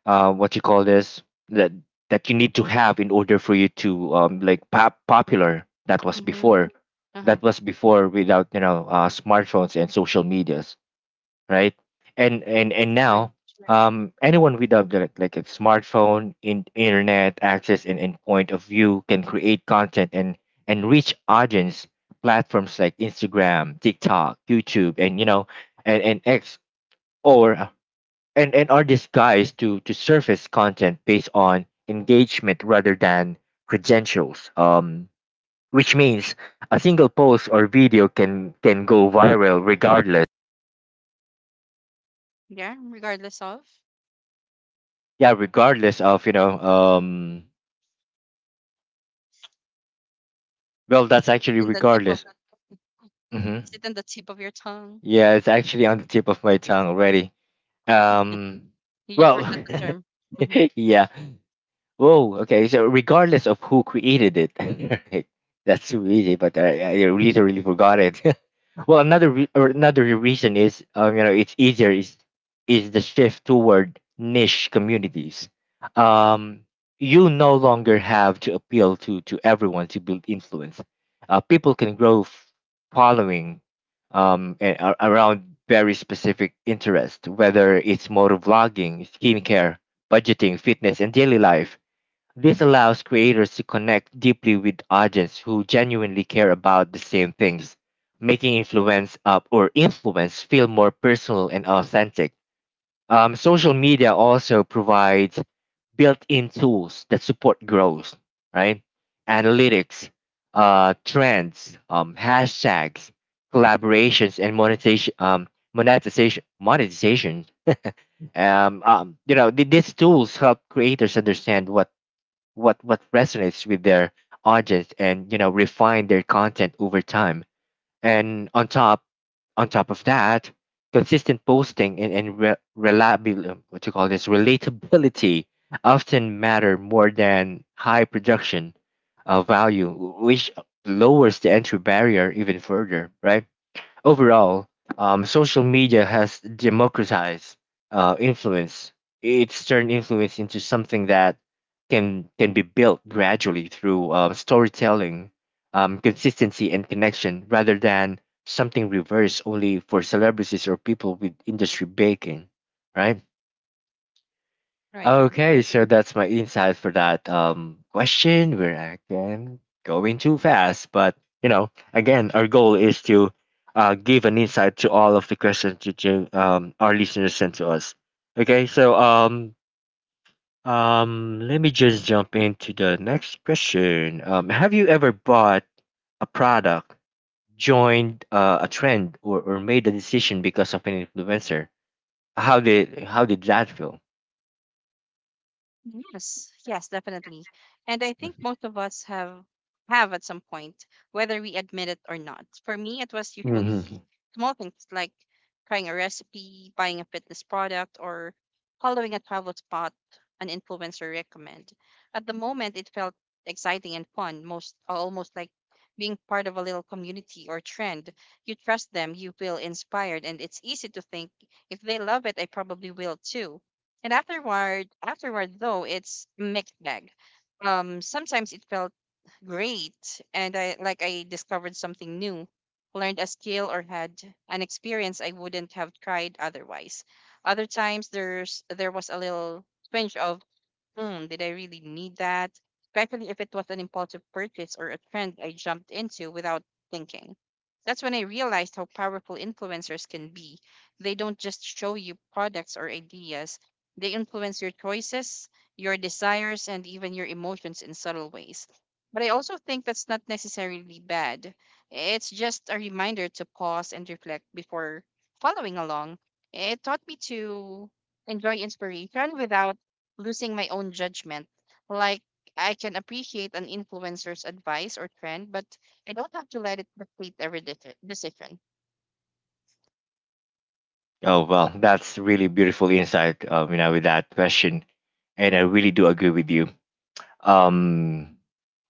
S1: uh what you call this, that that you need to have in order for you to like popular. That was
S2: Mm-hmm.
S1: before.
S2: Uh-huh.
S1: That was before, without, smartphones and social medias, right? And
S2: Right.
S1: now, anyone with a like a smartphone, internet access, and point of view, can create content and reach audience. Platforms like Instagram, TikTok, YouTube, and, and X, or and are disguised to surface content based on engagement rather than credentials. Which means a single post or video can go viral regardless.
S2: Yeah. Regardless of,
S1: Yeah, regardless of, well,
S2: is
S1: that's
S2: it
S1: actually
S2: in the tip of
S1: regardless. Hmm.
S2: your tongue?
S1: Yeah, it's actually on the tip of my tongue already.
S2: [laughs]
S1: um
S2: You just
S1: well,
S2: forgot
S1: [laughs]
S2: the term. Hmm
S1: yeah. Whoa, okay, so regardless of who created it. [laughs] Right? That's too easy, but I literally forgot it. [laughs] Well, another re- or another reason is, you know, it's easier, is the shift toward niche communities. Um, you no longer have to appeal to everyone to build influence. People can grow following around very specific interest, whether it's motor vlogging, skincare, budgeting, fitness, and daily life. This allows creators to connect deeply with audience who genuinely care about the same things, making influence up or influence feel more personal and authentic. Social media also provides built-in tools that support growth, right? Analytics, trends, hashtags, collaborations, and monetization. You know, these tools help creators understand what resonates with their audience, and, you know, refine their content over time. And on top of that, consistent posting and, reliability, what you call this, relatability, often matter more than high production value, which lowers the entry barrier even further, right? Overall, social media has democratized influence. It's turned influence into something that can be built gradually through storytelling, consistency, and connection, rather than something reversed only for celebrities or people with industry backing, right?
S2: Right. Right.
S1: Okay, so that's my insight for that question. Where I can going too fast, but you know, again, our goal is to give an insight to all of the questions that you our listeners sent to us. Okay, so let me just jump into the next question. Have you ever bought a product, joined a trend, or made a decision because of an influencer? How did that feel?
S2: Yes, yes, definitely. And I think most of us have at some point, whether we admit it or not. For me, it was
S1: Hmm.
S2: usually small things like trying a recipe, buying a fitness product, or following a travel spot an influencer recommend. At the moment, it felt exciting and fun, most almost like being part of a little community or trend. You trust them, you feel inspired, and it's easy to think if they love it, I probably will too. And afterward though, it's mixed bag. Sometimes it felt great, and I like I discovered something new, learned a skill, or had an experience I wouldn't have tried otherwise. Other times, there was a little twinge of, hmm, did I really need that? Especially if it was an impulsive purchase or a trend I jumped into without thinking. That's when I realized how powerful influencers can be. They don't just show you products or ideas, they influence your choices, your desires, and even your emotions in subtle ways. But I also think that's not necessarily bad. It's just a reminder to pause and reflect before following along. It taught me to enjoy inspiration without losing my own judgment. Like, I can appreciate an influencer's advice or trend, but I don't have to let it dictate every decision.
S1: Oh well, that's really beautiful insight. You know, with that question, and I really do agree with you. Um,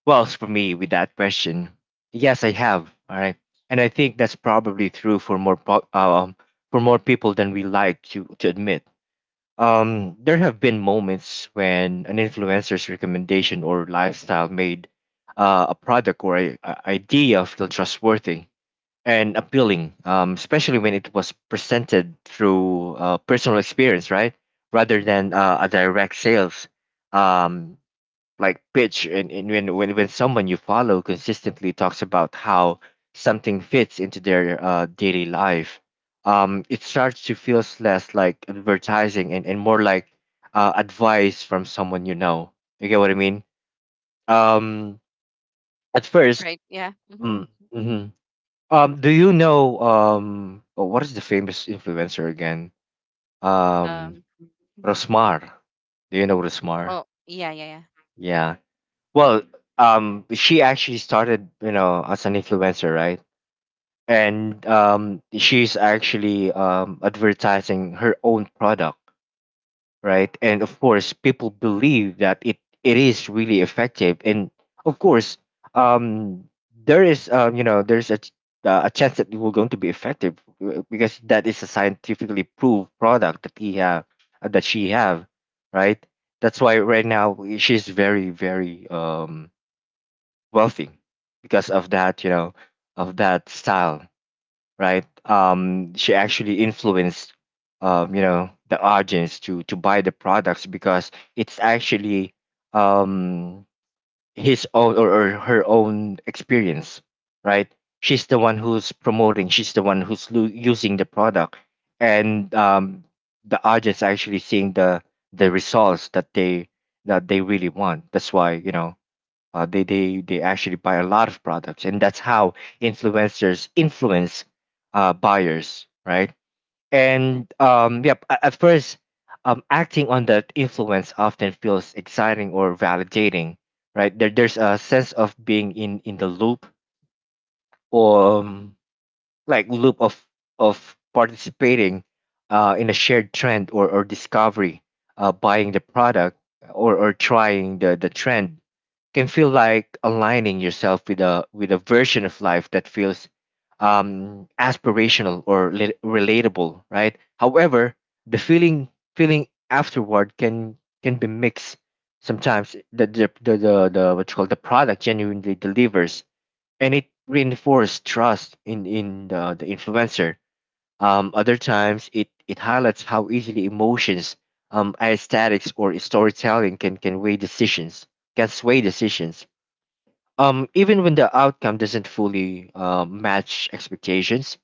S1: well, as for me, with that question, yes, I have. All right, and I think that's probably true for more people than we like to admit. There have been moments when an influencer's recommendation or lifestyle made a product or a idea feel trustworthy and appealing, especially when it was presented through personal experience, right? Rather than a direct sales um, like pitch. And, when someone you follow consistently talks about how something fits into their daily life, it starts to feel less like advertising and more like advice from someone you know. You get what I mean? Um, at first,
S2: Right? Yeah. hmm
S1: mm, mhm. Do you know oh, what is the famous influencer again? Um,
S2: Um.
S1: Rosmar. Do you know Rosmar?
S2: Oh, yeah, yeah, yeah.
S1: Yeah. Well, she actually started, you know, as an influencer, right? And she's actually advertising her own product. Right? And of course, people believe that it is really effective. And of course, um, there is you know, there's a a chance that it will going to be effective, because that is a scientifically proved product that he have, that she have, right? That's why right now she's very wealthy because of that, you know, of that style, right? She actually influenced, you know, the audience to buy the products because it's actually um his own, or her own experience, right? She's the one who's promoting. She's the one who's using the product, and the audience actually seeing the results that they, really want. That's why, you know, they actually buy a lot of products, and that's how influencers influence buyers, right? And yep, at first, acting on that influence often feels exciting or validating, right? There's a sense of being in the loop, or like loop of participating in a shared trend or discovery. Buying the product or trying the trend can feel like aligning yourself with a version of life that feels aspirational or relatable, right? However, the feeling feeling afterward can be mixed. Sometimes the what you call the product genuinely delivers, and it reinforces trust in the influencer. Other times, it highlights how easily emotions, aesthetics, or storytelling can weigh decisions, can sway decisions, even when the outcome doesn't fully match expectations.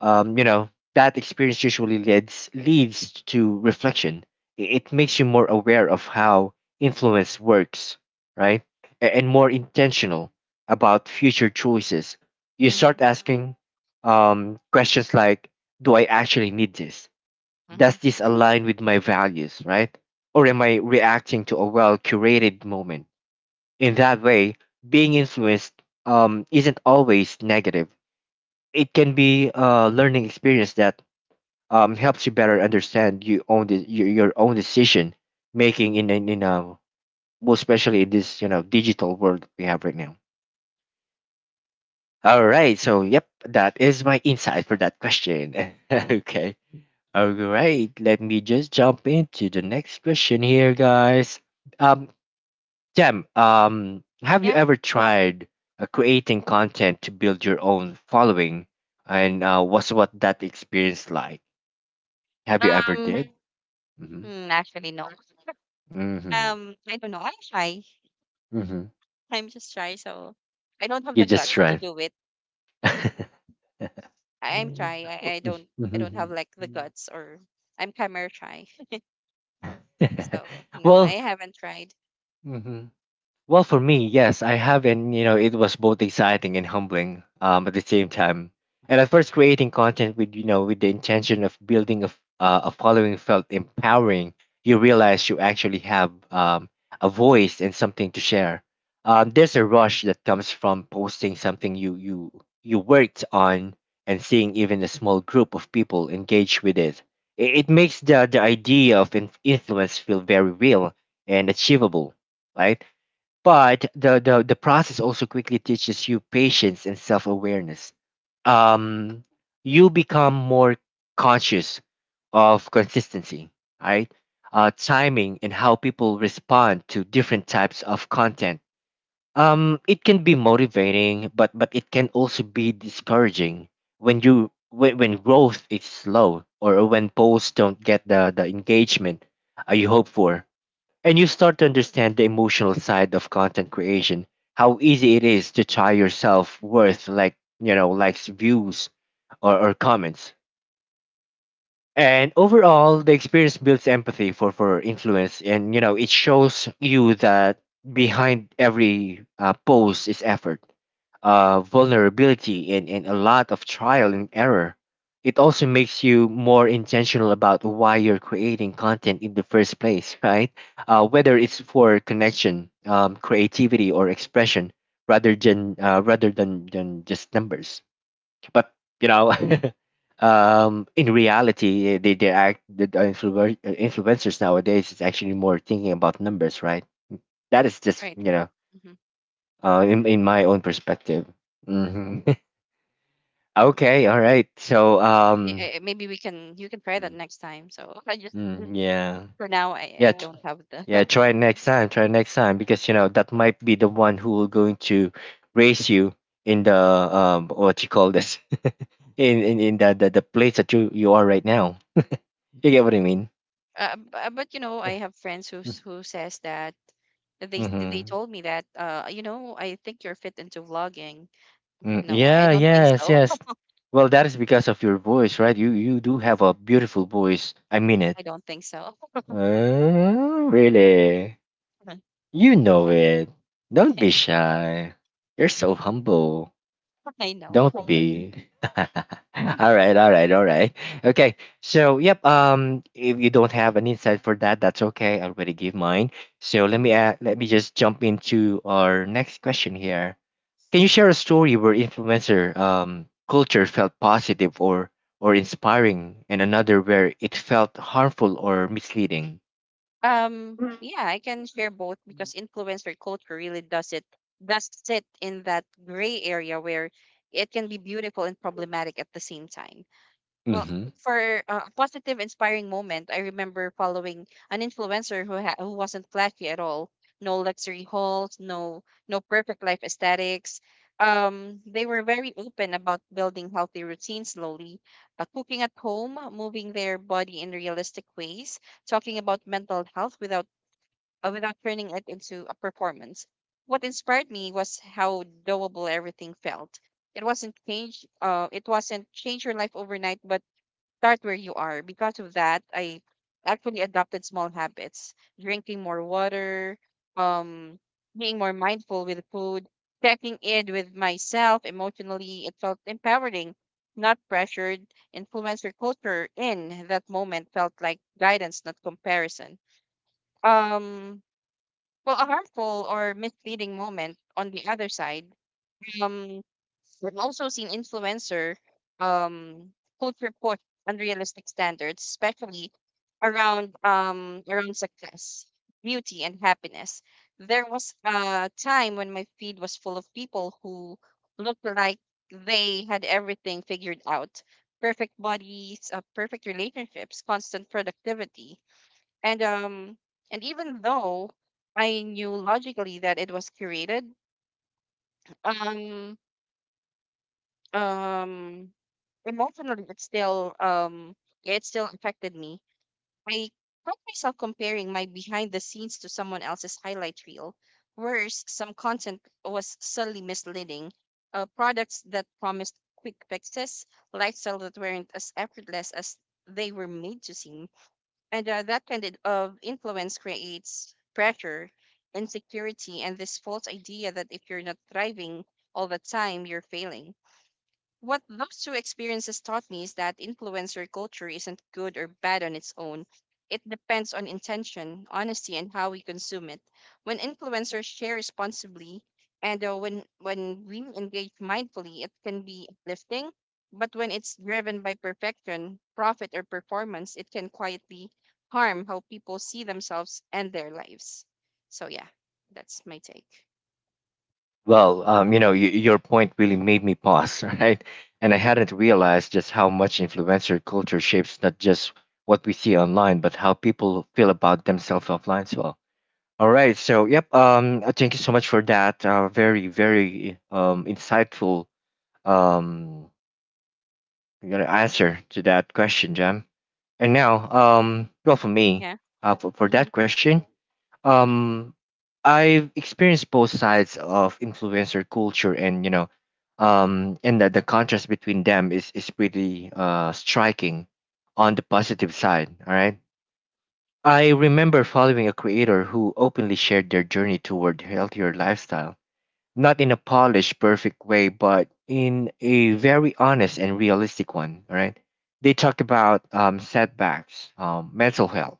S1: um you know that experience usually leads to reflection. It makes you more aware of how influence works, right? And more intentional about future choices. You
S2: Mm-hmm.
S1: start asking, questions like, do I actually need this?
S2: Mm-hmm.
S1: Does this align with my values, right? Or am I reacting to a well curated moment? In that way, being influenced isn't always negative. It can be a learning experience that helps you better understand your own decision making, in a, well, especially in this, you know, digital world we have right now. All right, so yep, that is my insight for that question. [laughs] Okay. All right, let me just jump into the next question here, guys. Um, Jam, have you
S2: Yeah.
S1: ever tried creating content to build your own following, and what that experience like? Have you ever
S2: Um.
S1: did? Mm-hmm.
S2: Mm, Actually, no.
S1: Mm-hmm.
S2: I don't know. I'm shy.
S1: Mm-hmm.
S2: I'm just shy, so I don't have
S1: You
S2: the
S1: just
S2: guts to
S1: try.
S2: do it. [laughs] I- I'm shy. I don't. I don't have like the guts, or I'm camera shy. [laughs]
S1: [laughs]
S2: So
S1: [laughs]
S2: no, I
S1: Well,
S2: haven't tried.
S1: mhm. Well, for me, yes, I have, and you know, it was both exciting and humbling at the same time. And at first, creating content with, you know, with the intention of building a following, felt empowering. You realize you actually have a voice and something to share. There's a rush that comes from posting something you worked on and seeing even a small group of people engage with it. It makes the idea of influence feel very real and achievable, right? But the process also quickly teaches you patience and self awareness. Um, you become more conscious of consistency, right? Timing and how people respond to different types of content. It can be motivating, but it can also be discouraging when when growth is slow or when posts don't get the engagement you hope for, and you start to understand the emotional side of content creation, how easy it is to tie your self worth like, you know, likes, views, or comments. And overall, the experience builds empathy for influence, and you know it shows you that behind every post is effort, vulnerability, and a lot of trial and error. It also makes you more intentional about why you're creating content in the first place, [laughs] right? Whether it's for connection, creativity, or expression, rather than than just numbers, but you know. [laughs] In reality, they act the influ- influencers nowadays is actually more thinking about numbers, right? That is just,
S2: Right.
S1: you
S2: Right.
S1: know,
S2: Mm-hmm.
S1: in my own perspective. Hmm. [laughs] Okay, all right, so um,
S2: Y- maybe we can you can try that
S1: mm,
S2: next time. So [laughs]
S1: mm, yeah.
S2: for now
S1: Yeah,
S2: I
S1: t-
S2: don't
S1: Mm.
S2: have
S1: Yeah,
S2: the [laughs]
S1: try next time, try next time, because you know that might be the one who will going to raise you in the um, what you call this, [laughs] in the place that you are right now. You get what I mean?
S2: but you know I have friends who says that they
S1: Mm-hmm.
S2: told me that you know I think you're fit into vlogging.
S1: Mm,
S2: No, I
S1: yeah,
S2: don't think
S1: yes,
S2: so.
S1: yes. Well, that is because of your voice, right? You do have a beautiful voice. I mean
S2: [laughs]
S1: it.
S2: I don't think so.
S1: Oh, really?
S2: [laughs]
S1: You know it. Don't be shy. You're so humble.
S2: I know.
S1: Don't be. [laughs] All right, all right, all right. Okay. So, yep, um, if you don't have an insight for that, that's okay. I already gave mine. So,
S2: Mhm.
S1: let me just jump into our next question here. Can you share a story where influencer culture felt positive or inspiring, and another where it felt harmful or misleading?
S2: Yeah, I can share both because influencer culture really does sit in that gray area where it can be beautiful and problematic at the same time. Well,
S1: Mm-hmm.
S2: for a positive, inspiring moment, I remember following an influencer who wasn't flashy at all. No luxury hauls, no no perfect life aesthetics. They were very open about building healthy routines slowly, cooking at home, moving their body in realistic ways, talking about mental health without without turning it into a performance. What inspired me was how doable everything felt. It wasn't change your life overnight, but start where you are. Because of that, I actually adopted small habits, drinking more water, um, being more mindful with food, checking in with myself emotionally. It felt empowering, not pressured. Influencer culture in that moment felt like guidance, not comparison. Um, well, a harmful or misleading moment on the other side. Um, We've also seen influencer um culture push unrealistic standards, especially around success, beauty, and happiness. There was a time when my feed was full of people who looked like they had everything figured out. Perfect bodies, perfect relationships, constant productivity. And even though I knew logically that it was curated, um um emotionally it still yeah, it still affected me. I found myself comparing my behind the scenes to someone else's highlight reel. Worse, some content was subtly misleading. Products that promised quick fixes, lifestyle that weren't as effortless as they were made to seem, and that kind of influence creates pressure, insecurity, and this false idea that if you're not thriving all the time, you're failing. What those two experiences taught me is that influencer culture isn't good or bad on its own. It depends on intention, honesty, and how we consume it. When influencers share responsibly and when we engage mindfully, it can be uplifting. But when it's driven by perfection, profit, or performance, it can quietly harm how people see themselves and their lives. So yeah, that's my take.
S1: Well, you know, your point really made me pause, [laughs] right? And I hadn't realized just how much influencer culture shapes not just what we see online, but how people feel about themselves offline as well. All right, so yep, thank you so much for that. Very, very insightful um, you know, answer to that question, Jam. And now, well, for me,
S2: Yeah.
S1: for
S2: Mm-hmm.
S1: that question, um, I've experienced both sides of influencer culture, and you know um, and the contrast between them is pretty striking. On the positive side, all right, I remember following a creator who openly shared their journey toward healthier lifestyle, not in a polished perfect way, but in a very honest and realistic one, all right. They talked about setbacks, mental health,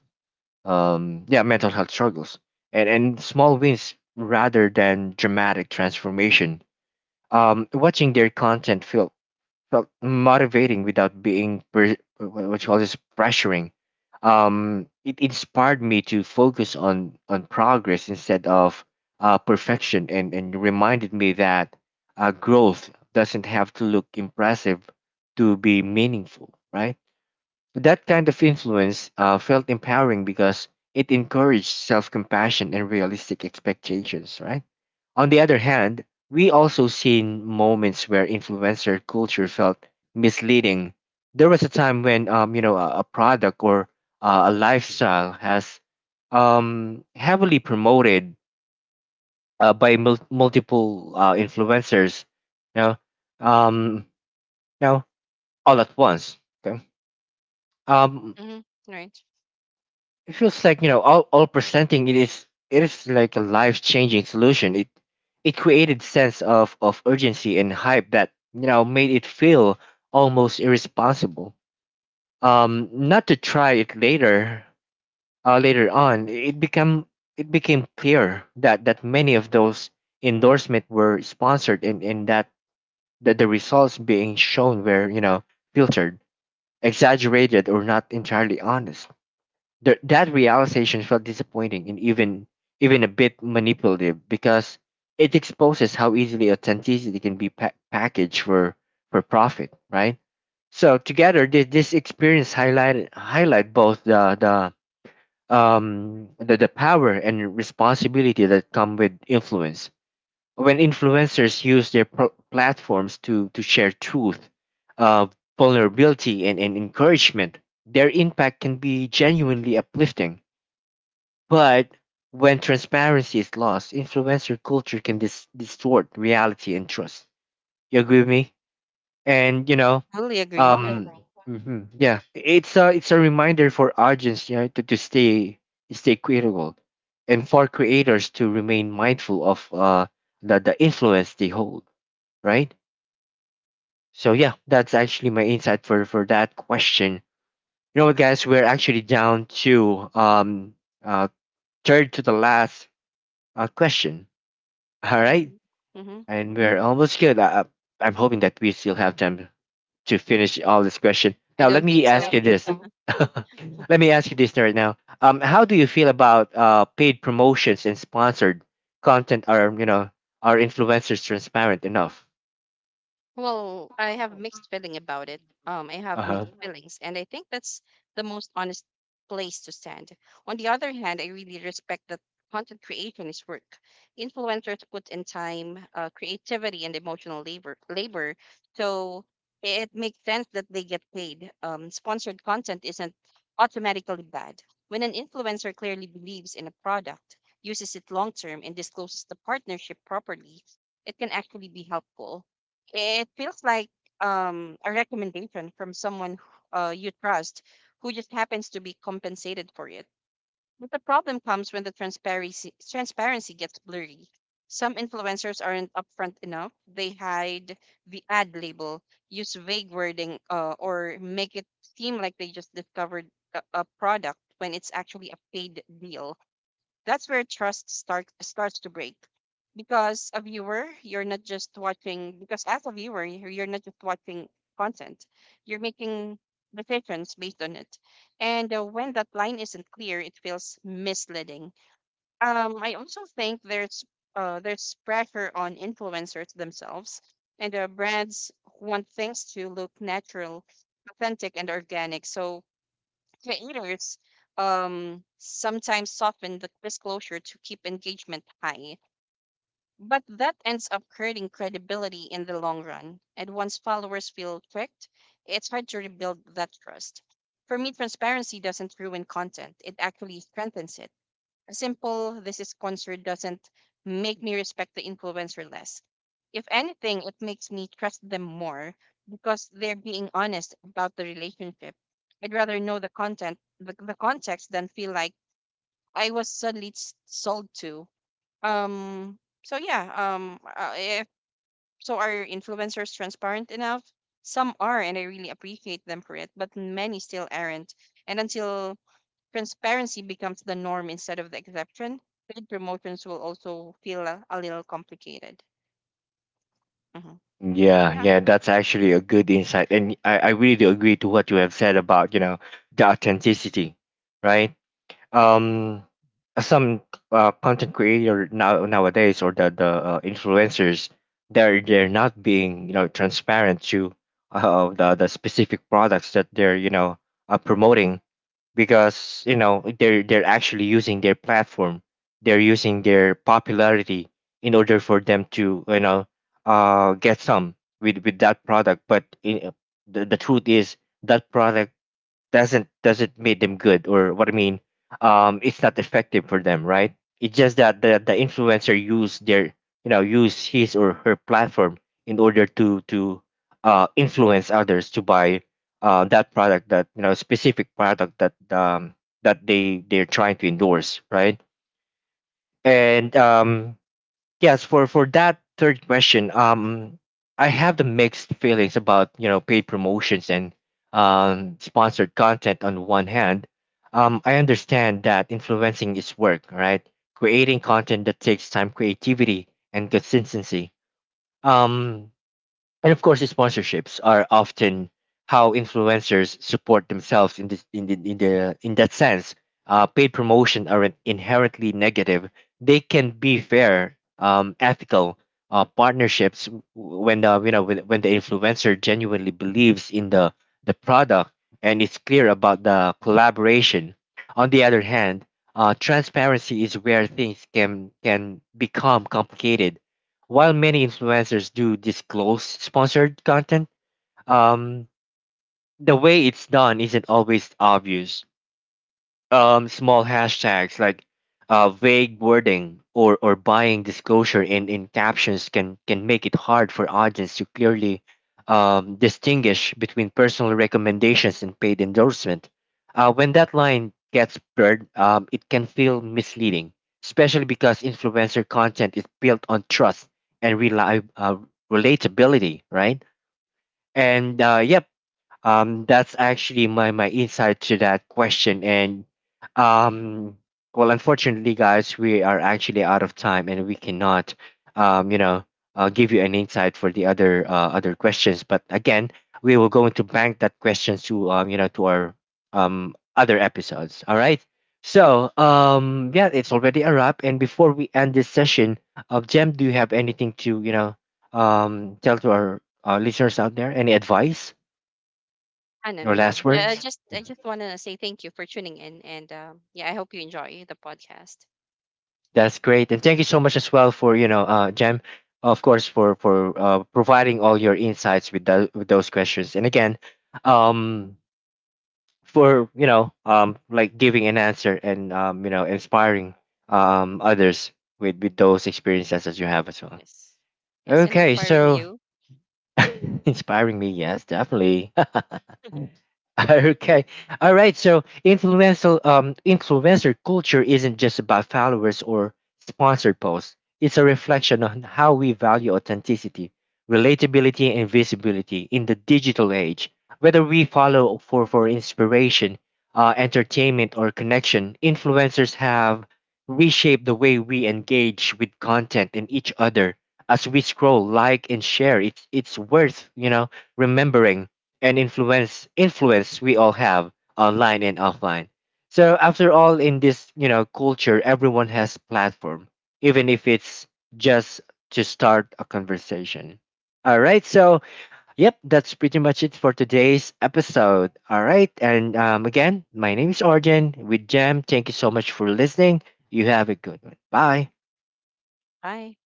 S1: yeah, mental health struggles, and small wins rather than dramatic transformation. Watching their content felt motivating without being what you call this, pressuring. It inspired me to focus on progress instead of perfection, and reminded me that growth doesn't have to look impressive to be meaningful, right? That kind of influence felt empowering because it encouraged self compassion and realistic expectations, right? On the other hand, we also seen moments where influencer culture felt misleading. There was a time when you know a product or a lifestyle has heavily promoted multiple influencers, you know, um, now, all at once. Okay. Um,
S2: Mm-hmm. Right.
S1: it feels like you know all presenting it is, it is like a life changing solution. It created sense of urgency and hype that you know made it feel almost irresponsible, um, not to try it later. Later on it became, it became clear that many of those endorsement were sponsored, and that the results being shown were you know filtered, exaggerated, or not entirely honest. Th- that realization felt disappointing and even, even a bit manipulative, because it exposes how easily authenticity can be packaged for profit, right? So together, this experience highlight both the power and responsibility that come with influence. When influencers use their platforms to share truth, uh, vulnerability, and encouragement, their impact can be genuinely uplifting, but when transparency is lost, influencer culture can distort reality and trust. You agree with me? And you know,
S2: Totally
S1: I
S2: agree. Yeah.
S1: agree. Mhm, yeah, it's a, it's a reminder for audience, you know, to, stay critical, and for creators to remain mindful of the influence they hold, right? So yeah, that's actually my insight for that question. You know what, guys, we're actually down to uh third to the last question. All right,
S2: Mm-hmm.
S1: and we're almost good. I'm hoping that we still have time to finish all this question.
S2: I
S1: Now, let
S2: don't
S1: me
S2: think
S1: ask
S2: so.
S1: you this. [laughs] Let me ask you this right now. How do you feel about paid promotions and sponsored content? Are you know, are influencers transparent enough?
S2: Well, I have mixed feeling about it. I
S1: Uh
S2: have
S1: huh.
S2: mixed feelings, and I think that's the most honest place to stand. On the other hand, I really respect that content creation is work. Influencers put in time, creativity, and emotional labor, so it makes sense that they get paid. Sponsored content isn't automatically bad. When an influencer clearly believes in a product, uses it long term, and discloses the partnership properly, it can actually be helpful. It feels like a recommendation from someone you trust, who just happens to be compensated for it. But the problem comes when the transparency gets blurry. Some influencers aren't upfront enough. They hide the ad label, use vague wording, or make it seem like they just discovered a product when it's actually a paid deal. That's where trust start starts to break. Because a viewer, you're not just watching because as a viewer, you're not just watching content. You're making decisions based on it. And when that line isn't clear, it feels misleading. I also think there's pressure on influencers themselves and brands want things to look natural, authentic, and organic. So creators sometimes soften the disclosure to keep engagement high, but that ends up hurting credibility in the long run. And once followers feel tricked, it's hard to rebuild that trust. For me, transparency doesn't ruin content, it actually strengthens it. A simple, this is sponsored, doesn't make me respect the influencer less. If anything, it makes me trust them more because they're being honest about the relationship. I'd rather know the the context, than feel like I was suddenly sold to. So yeah. If so, are influencers transparent enough? Some are, and I really appreciate them for it. But many still aren't. And until transparency becomes the norm instead of the exception, paid promotions will also feel a little complicated. Hmm
S1: Yeah,
S2: Yeah.
S1: yeah, that's actually a good insight, and I really do agree to what you have said about you know the authenticity, right? Um, some content creator nowadays, or the influencers, they're not being you know transparent to the specific products that they're you know promoting, because you know they're actually using their platform, they're using their popularity in order for them to you know get some with that product. But the truth is that product doesn't make them good, or what I mean um, it's not effective for them, right? It's just that the influencer use their you know use his or her platform in order to influence others to buy that product, that you know specific product that that they're trying to endorse, right? And yes, for that third question, I have the mixed feelings about you know paid promotions and sponsored content. On one hand, I understand that influencing is work, right? Creating content that takes time, creativity, and consistency. Um, and of course, the sponsorships are often how influencers support themselves in this in the, in the in that sense. Paid promotion aren't inherently negative; they can be fair, ethical partnerships when the you know when the influencer genuinely believes in the product and is clear about the collaboration. On the other hand, transparency is where things can become complicated. While many influencers do disclose sponsored content, um, the way it's done isn't always obvious. Um, small hashtags like vague wording, or buying disclosure in captions, can make it hard for audience to clearly distinguish between personal recommendations and paid endorsement. Uh when that line gets blurred, it can feel misleading, especially because influencer content is built on trust and relatability, right? And yep, that's actually my my insight to that question. And um, well, unfortunately, guys, we are actually out of time, and we cannot, you know, give you an insight for the other other questions. But again, we will go into bank that questions to you know, to our other episodes. All right. So yeah, it's already a wrap. And before we end this session, Jem, do you have anything to you know tell to our listeners out there? Any advice?
S2: Ah, no,
S1: Or
S2: no, no.
S1: last
S2: Yeah, I
S1: words.
S2: just
S1: Mhm.
S2: want to say thank you for tuning in, and yeah, I hope you enjoy the podcast.
S1: That's great, and thank you so much as well for you know jam, of course, for providing all your insights with, with those questions, and again um for you know like giving an answer and you know inspiring others with those experiences that you have as well.
S2: Yes, yes, and
S1: Okay,
S2: inspiring
S1: so
S2: you.
S1: [laughs] inspiring me, yes, definitely.
S2: [laughs]
S1: [laughs] Okay. All right. So influential influencer culture isn't just about followers or sponsored posts. It's a reflection on how we value authenticity, relatability, and visibility in the digital age. Whether we follow for, inspiration, entertainment, or connection, influencers have reshaped the way we engage with content and each other. As we scroll, like, and share, it's worth you know remembering and influence we all have online and offline. So after all in this, you know, culture everyone has platform, even if it's just to start a conversation. All right, so yep, that's pretty much it for today's episode. All right, and again, my name is Arjen with Jam. Thank you so much for listening. You have a good one. Bye.
S2: Bye.